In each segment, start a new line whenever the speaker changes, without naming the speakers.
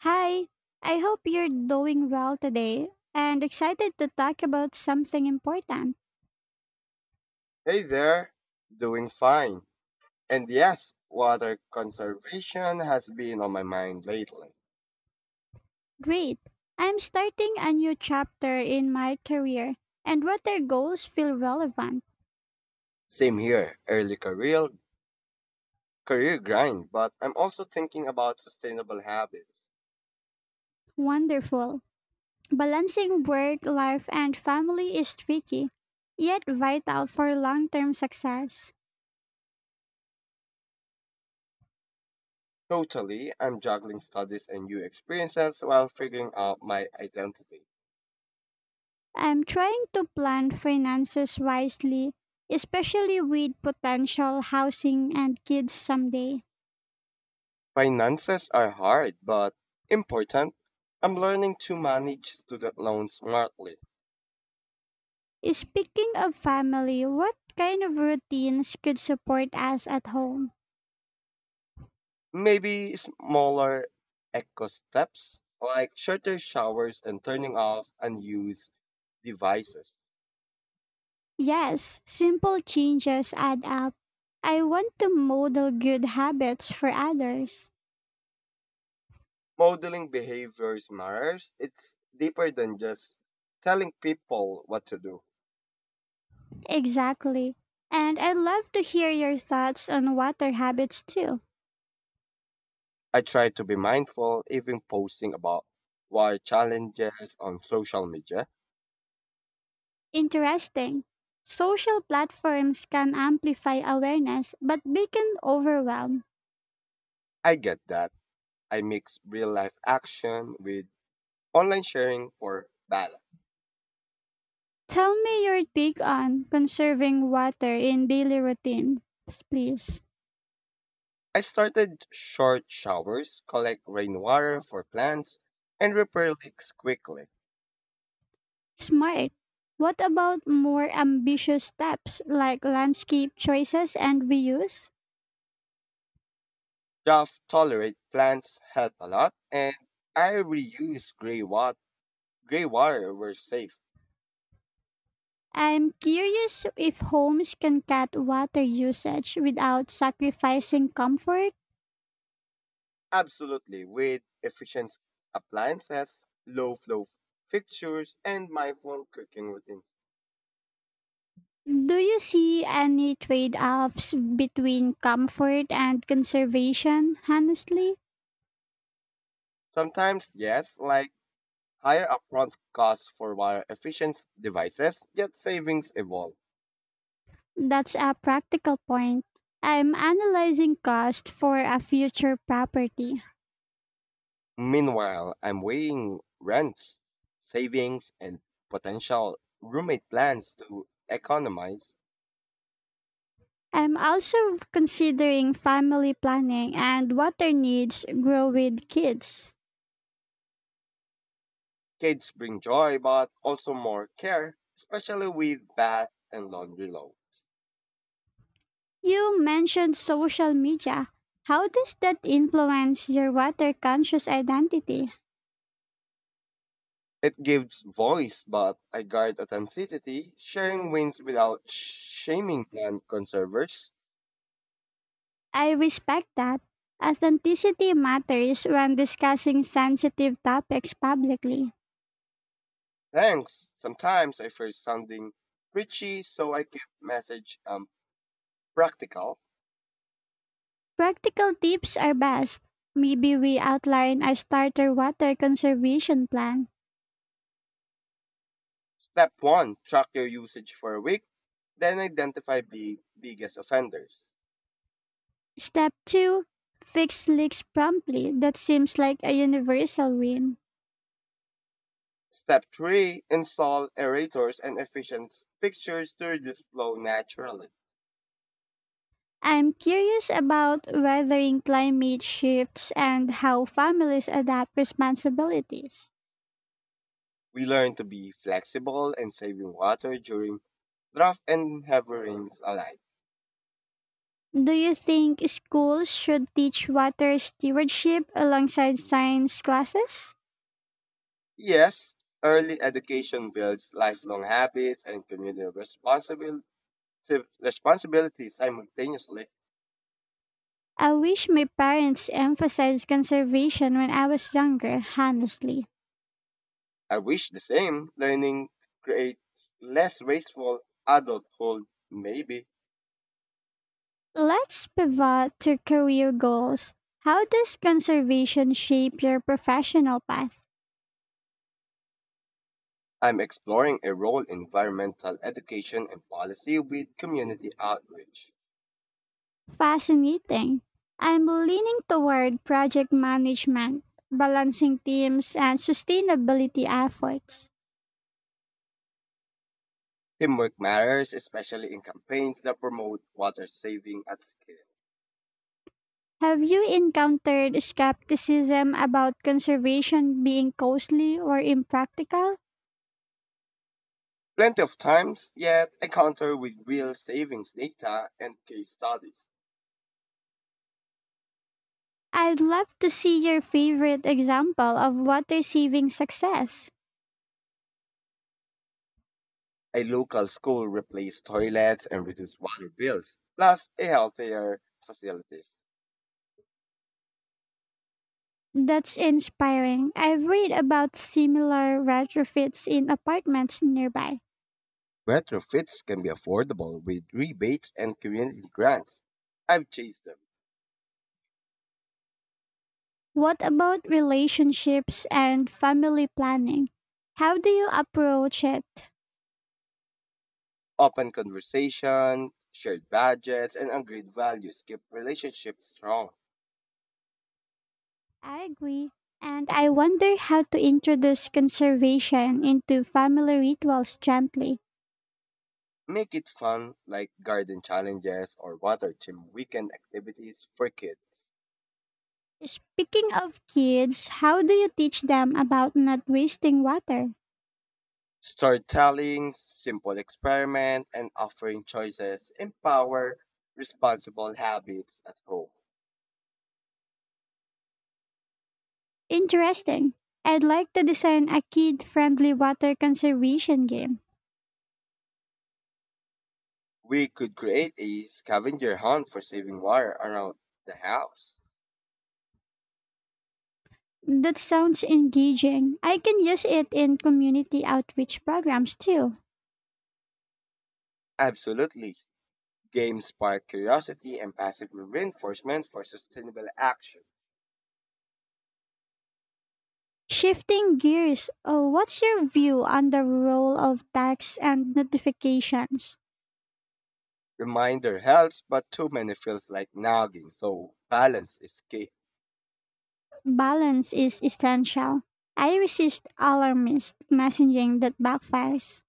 Hi, I hope you're doing well today and excited to talk about something important.
Hey there, doing fine. And yes, water conservation has been on my mind lately.
Great. I'm starting a new chapter in my career, and what their goals feel relevant.
Same here, early career grind, but I'm also thinking about sustainable habits.
Wonderful. Balancing work, life, and family is tricky, yet vital for long term success.
Totally, I'm juggling studies and new experiences while figuring out my identity.
I'm trying to plan finances wisely, especially with potential housing and kids someday.
Finances are hard but important. I'm learning to manage student loans smartly.
Speaking of family, what kind of routines could support us at home?
Maybe smaller eco steps, like shorter showers and turning off unused devices.
Yes, simple changes add up. I want to model good habits for others.
Modeling behaviors matters. It's deeper than just telling people what to do.
Exactly. And I'd love to hear your thoughts on water habits too.
I try to be mindful, even posting about war challenges on social media.
Interesting. Social platforms can amplify awareness, but they can overwhelm.
I get that. I mix real life action with online sharing for balance.
Tell me your take on conserving water in daily routines, please.
I started short showers, collect rainwater for plants, and repair leaks quickly.
Smart. What about more ambitious steps like landscape choices and reuse?
Drought tolerant plants help a lot, and I reuse gray water where safe.
I'm curious if homes can cut water usage without sacrificing comfort.
Absolutely, with efficient appliances, fixtures, and mindful cooking routines.
Do you see any trade offs between comfort and conservation? Honestly,
Sometimes, yes, like higher upfront costs for water efficient devices, yet savings evolve.
that's a practical point. I'm analyzing cost for a future property.
Meanwhile, I'm weighing rents, savings, and potential roommate plans to economize.
I'm also considering family planning and water needs grow with kids.
Kids bring joy, but also more care, especially with bath and laundry load.
You mentioned social media. How does that influence your water conscious identity?
It gives voice, but I guard authenticity. Sharing wins without shaming plant conservers.
I respect that. Authenticity matters when discussing sensitive topics publicly.
Thanks. Sometimes I fear sounding preachy, so I keep message practical.
Practical tips are best. Maybe we outline a starter water conservation plan.
Step one, track your usage for a week, then identify the biggest offenders.
Step 2. Fix leaks promptly. That seems like a universal win.
Step three, install aerators and efficient fixtures to reduce flow naturally.
I'm curious about weathering climate shifts and how families adapt responsibilities.
We learn to be flexible and saving water during drought and heavy rains alike.
Do you think schools should teach water stewardship alongside science classes?
Yes, early education builds lifelong habits and community responsibilities simultaneously.
I wish my parents emphasized conservation when I was younger, honestly.
I wish the same learning creates less wasteful adulthood. Maybe
Let's pivot to career goals. How does conservation shape your professional path?
I'm exploring a role in environmental education and policy with community outreach.
Fascinating. I'm leaning toward project management, balancing teams, and sustainability efforts.
Teamwork matters, especially in campaigns that promote water saving at scale.
Have you encountered skepticism about conservation being costly or impractical?
Plenty of times, yet I counter with real savings data and case studies.
I'd love to see your favorite example of water saving success.
A local school replaced toilets and reduced water bills, plus a healthier facilities.
That's inspiring. I've read about similar retrofits in apartments nearby.
Retrofits can be affordable with rebates and community grants. I've chased them.
What about relationships and family planning? How do you approach it?
Open conversation, shared budgets, and agreed values keep relationships strong.
I agree. And I wonder how to introduce conservation into family rituals gently.
Make it fun, like garden challenges or water gym weekend activities for kids.
Speaking of kids, how do you teach them about not wasting water?
Storytelling, simple experiment, and offering choices empower responsible habits at home.
Interesting. I'd like to design a kid friendly water conservation game.
We could create a scavenger hunt for saving water around the house.
That sounds engaging. I can use it in community outreach programs too.
Absolutely. Games spark curiosity and passive reinforcement for sustainable action.
Shifting gears, what's your view on the role of tags and notifications?
Reminder helps, but too many feels like nagging, so balance is key.
Balance is essential. I resist alarmist messaging that backfires.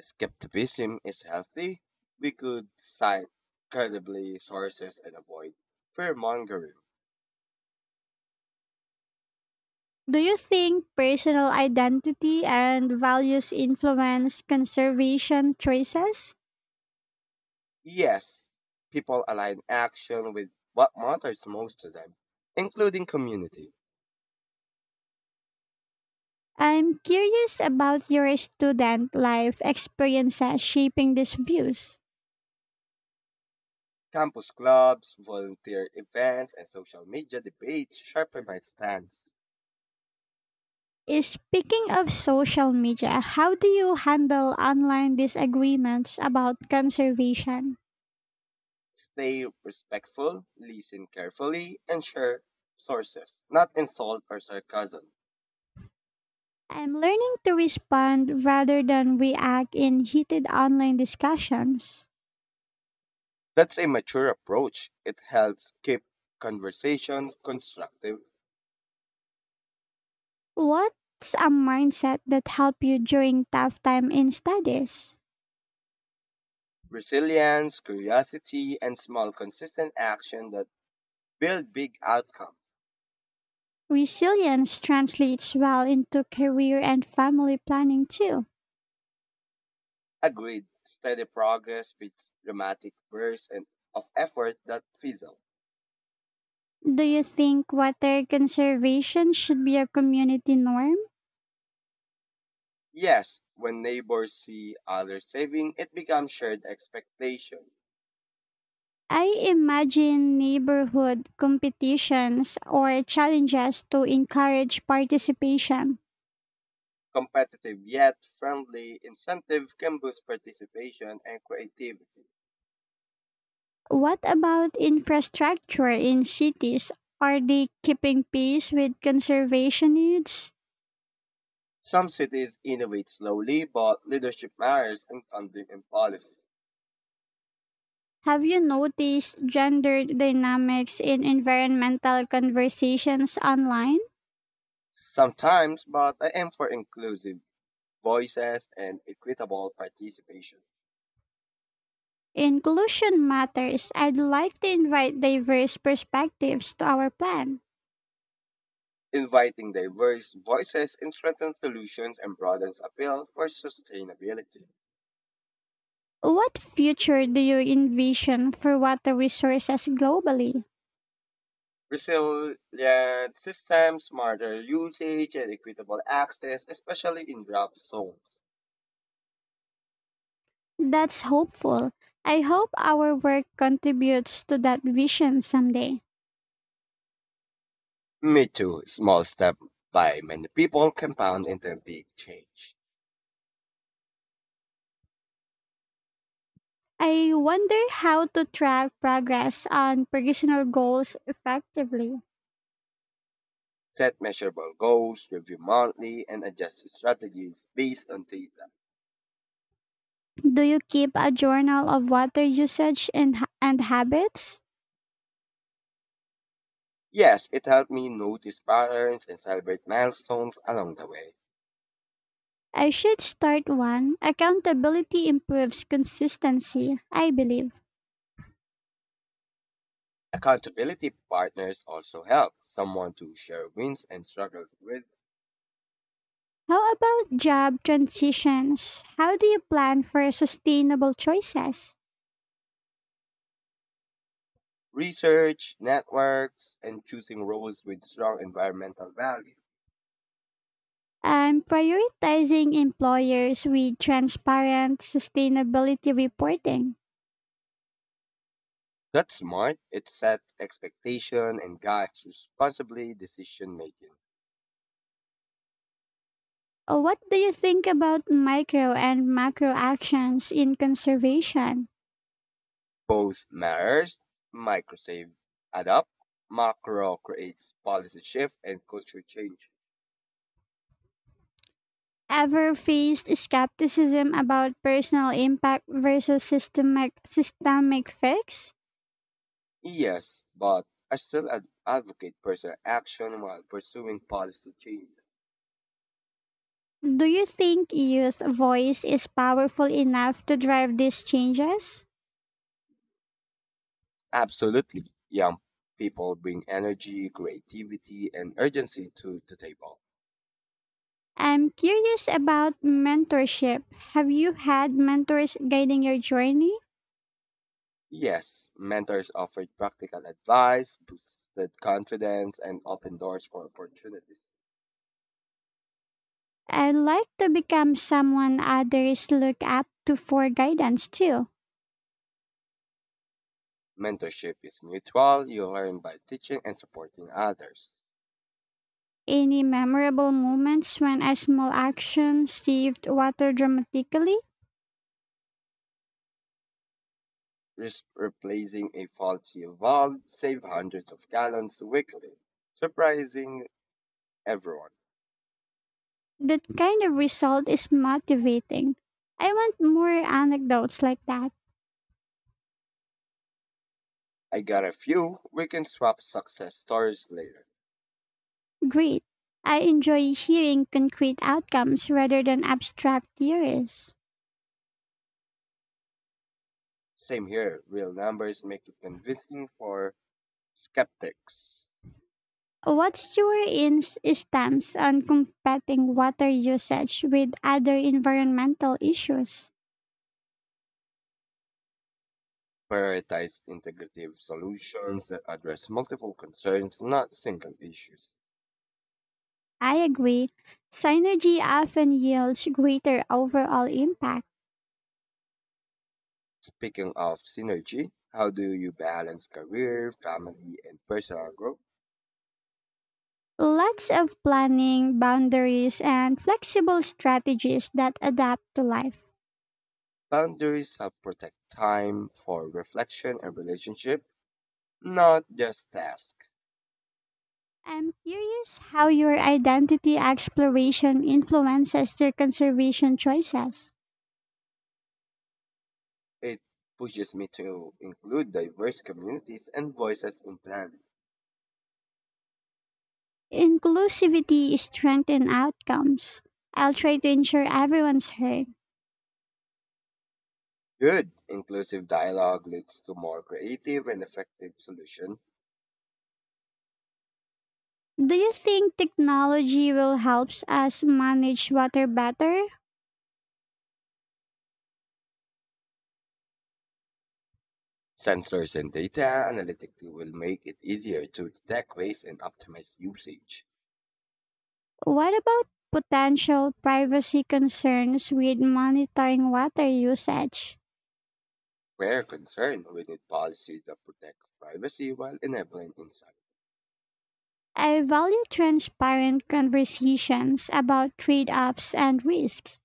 Skepticism is healthy. We could cite credibly sources and avoid fear mongering.
Do you think personal identity and values influence conservation choices?
Yes, people align action with what matters most to them, including community.
I'm curious about your student life experiences shaping these views.
Campus clubs, volunteer events, and social media debates sharpen my stance.
Speaking of social media, how do you handle online disagreements about conservation?
Stay respectful, listen carefully, and share sources, not insult or sarcasm.
I'm learning to respond rather than react in heated online discussions.
That's a mature approach. It helps keep conversations constructive.
What's a mindset that help you during tough time in studies?
Resilience, curiosity, and small consistent action that build big outcomes.
Resilience translates well into career and family planning too.
Agreed, steady progress beats dramatic bursts and of effort that fizzle.
Do you think water conservation should be a community norm?
Yes, when neighbors see others saving, it becomes shared expectation.
I imagine neighborhood competitions or challenges to encourage participation.
Competitive yet friendly incentive can boost participation and creativity.
What about infrastructure in cities? Are they keeping pace with conservation needs?
Some cities innovate slowly, but leadership matters in funding and policy.
Have you noticed gender dynamics in environmental conversations online?
Sometimes, but I aim for inclusive voices and equitable participation.
Inclusion matters. I'd like to invite diverse perspectives to our plan.
Inviting diverse voices in strengthens solutions and broadens appeal for sustainability.
What future do you envision for water resources globally?
Resilient systems, smarter usage, and equitable access, especially in drought zones.
That's hopeful. I hope our work contributes to that vision someday.
Me too. Small step by many people compound into a big change.
I wonder how to track progress on personal goals effectively.
Set measurable goals, review monthly, and adjust strategies based on data.
Do you keep a journal of water usage and habits?
Yes, it helped me notice patterns and celebrate milestones along the way.
I should start one. Accountability improves consistency, I believe.
Accountability partners also help someone to share wins and struggles with
How about job transitions? How do you plan for sustainable choices?
research, networks, and choosing roles with strong environmental value.
I'm prioritizing employers with transparent sustainability reporting.
That's smart. It sets expectation and guides responsibly decision making.
What do you think about micro and macro actions in conservation?
Both matters, microsave adapt, macro creates policy shift and culture change.
Ever faced skepticism about personal impact versus systemic fix?
Yes, but I still advocate personal action while pursuing policy change.
Do you think youth voice is powerful enough to drive these changes?
Absolutely. Young people bring energy, creativity, and urgency to the table.
I'm curious about mentorship. Have you had mentors guiding your journey?
Yes, mentors offered practical advice, boosted confidence, and opened doors for opportunities.
I'd like to become someone others look up to for guidance too.
Mentorship is mutual. You learn by teaching and supporting others.
Any memorable moments when a small action saved water dramatically?
Replacing a faulty valve save hundreds of gallons weekly, surprising everyone.
That kind of result is motivating. I want more anecdotes like that.
I got a few. We can swap success stories later.
Great. I enjoy hearing concrete outcomes rather than abstract theories.
Same here. Real numbers make it convincing for skeptics.
What's your ins stance on combating water usage with other environmental issues?
Prioritize integrative solutions that address multiple concerns, not single issues.
I agree. Synergy often yields greater overall impact.
Speaking of synergy, how do you balance career, family, and personal growth?
Lots of planning, boundaries, and flexible strategies that adapt to life.
Boundaries help protect time for reflection and relationship, not just tasks.
I'm curious how your identity exploration influences your conservation choices.
It pushes me to include diverse communities and voices in planning.
Inclusivity strengthens outcomes. I'll try to ensure everyone's heard.
Good inclusive dialogue leads to more creative and effective solutions.
Do you think technology will help us manage water better?
Sensors and data analytics will make it easier to detect waste and optimize usage.
What about potential privacy concerns with monitoring water usage?
Where concerned, we need policy that protect privacy while enabling insight.
I value transparent conversations about trade offs and risks.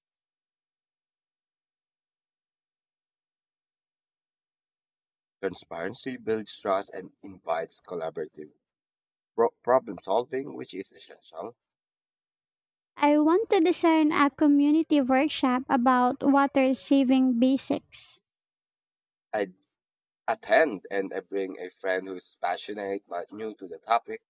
Transparency builds trust and invites collaborative problem solving, which is essential.
I want to design a community workshop about water saving basics.
I attend and I bring a friend who's passionate but new to the topic.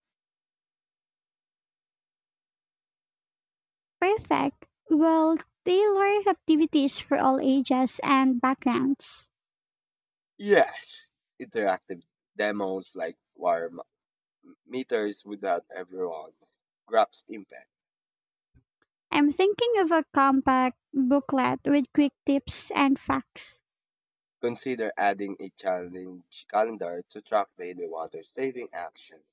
Perfect. Well, tailor activities for all ages and backgrounds.
Yes, interactive demos like meters without everyone grabs impact.
I'm thinking of a compact booklet with quick tips and facts.
Consider adding a challenge calendar to track daily water saving action.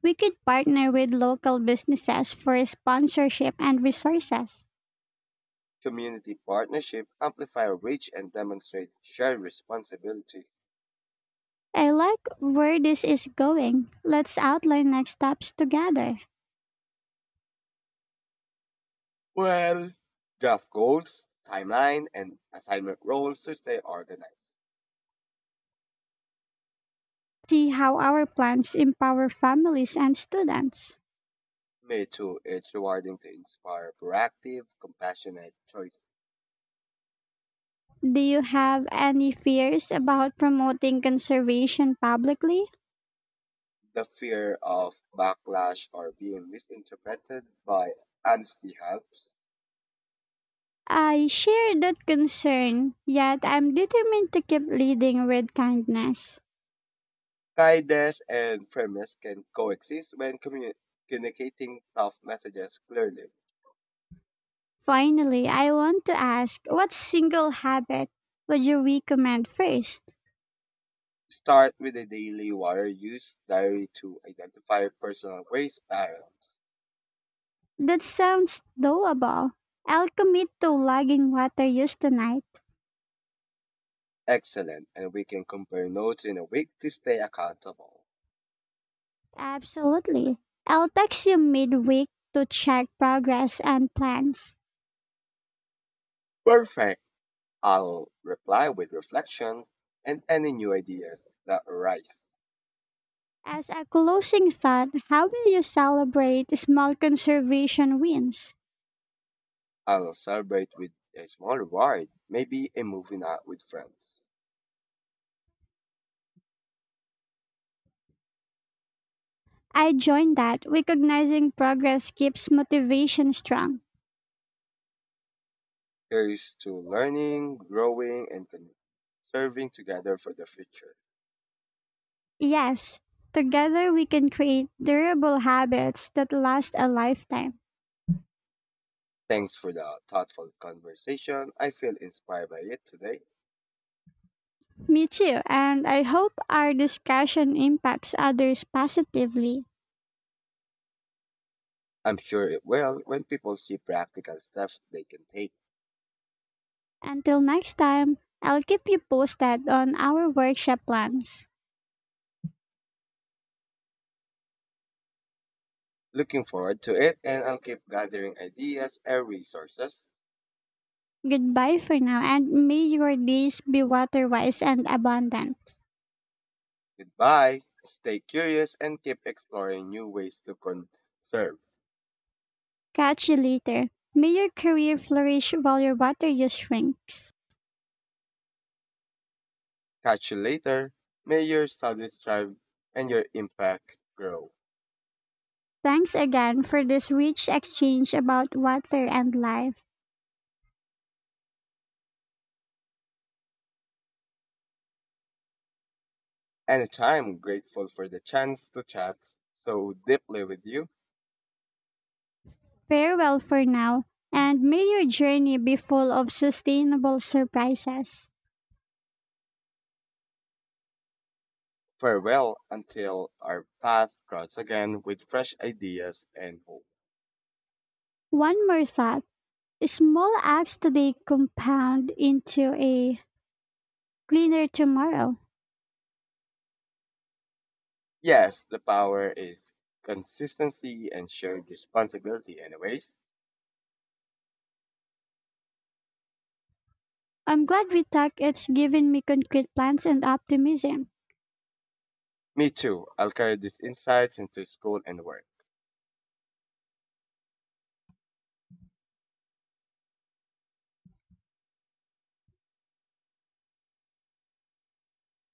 We could partner with local businesses for sponsorship and resources.
Community partnership, amplify reach, and demonstrate shared responsibility.
I like where this is going. Let's outline next steps together.
Well, draft goals, timeline, and assignment roles to stay organized.
See how our plans empower families and students.
Me too. It's rewarding to inspire proactive, compassionate choice.
Do you have any fears about promoting conservation publicly?
The fear of backlash or being misinterpreted by honesty helps.
I share that concern, yet I'm determined to keep leading with kindness.
Kindness and firmness can coexist when communicating soft messages clearly.
Finally, I want to ask what single habit would you recommend first?
Start with a daily water use diary to identify personal waste patterns.
That sounds doable. I'll commit to logging water use tonight.
Excellent, and we can compare notes in a week to stay accountable.
Absolutely. I'll text you midweek to check progress and plans.
Perfect. I'll reply with reflection and any new ideas that arise.
As a closing thought, how will you celebrate small conservation wins?
I'll celebrate with a small reward, maybe a movie night with friends.
I joined that. Recognizing progress keeps motivation strong.
Here's to learning, growing, and serving together for the future.
Yes, together we can create durable habits that last a lifetime.
Thanks for the thoughtful conversation. I feel inspired by it today.
Me too, and I hope our discussion impacts others positively.
I'm sure it will when people see practical steps they can take.
Until next time, I'll keep you posted on our workshop plans.
Looking forward to it, and I'll keep gathering ideas and resources.
Goodbye for now, and may your days be water wise and abundant.
Goodbye. Stay curious and keep exploring new ways to conserve.
Catch you later. May your career flourish while your water use shrinks.
Catch you later. May your studies thrive and your impact grow.
Thanks again for this rich exchange about water and life.
Anytime grateful for the chance to chat so deeply with you.
Farewell for now, and may your journey be full of sustainable surprises.
Farewell until our paths cross again with fresh ideas and hope.
One more thought, small acts today compound into a cleaner tomorrow.
Yes, the power is consistency and shared responsibility, anyways.
I'm glad we talked, it's given me concrete plans and optimism.
Me too. I'll carry these insights into school and work.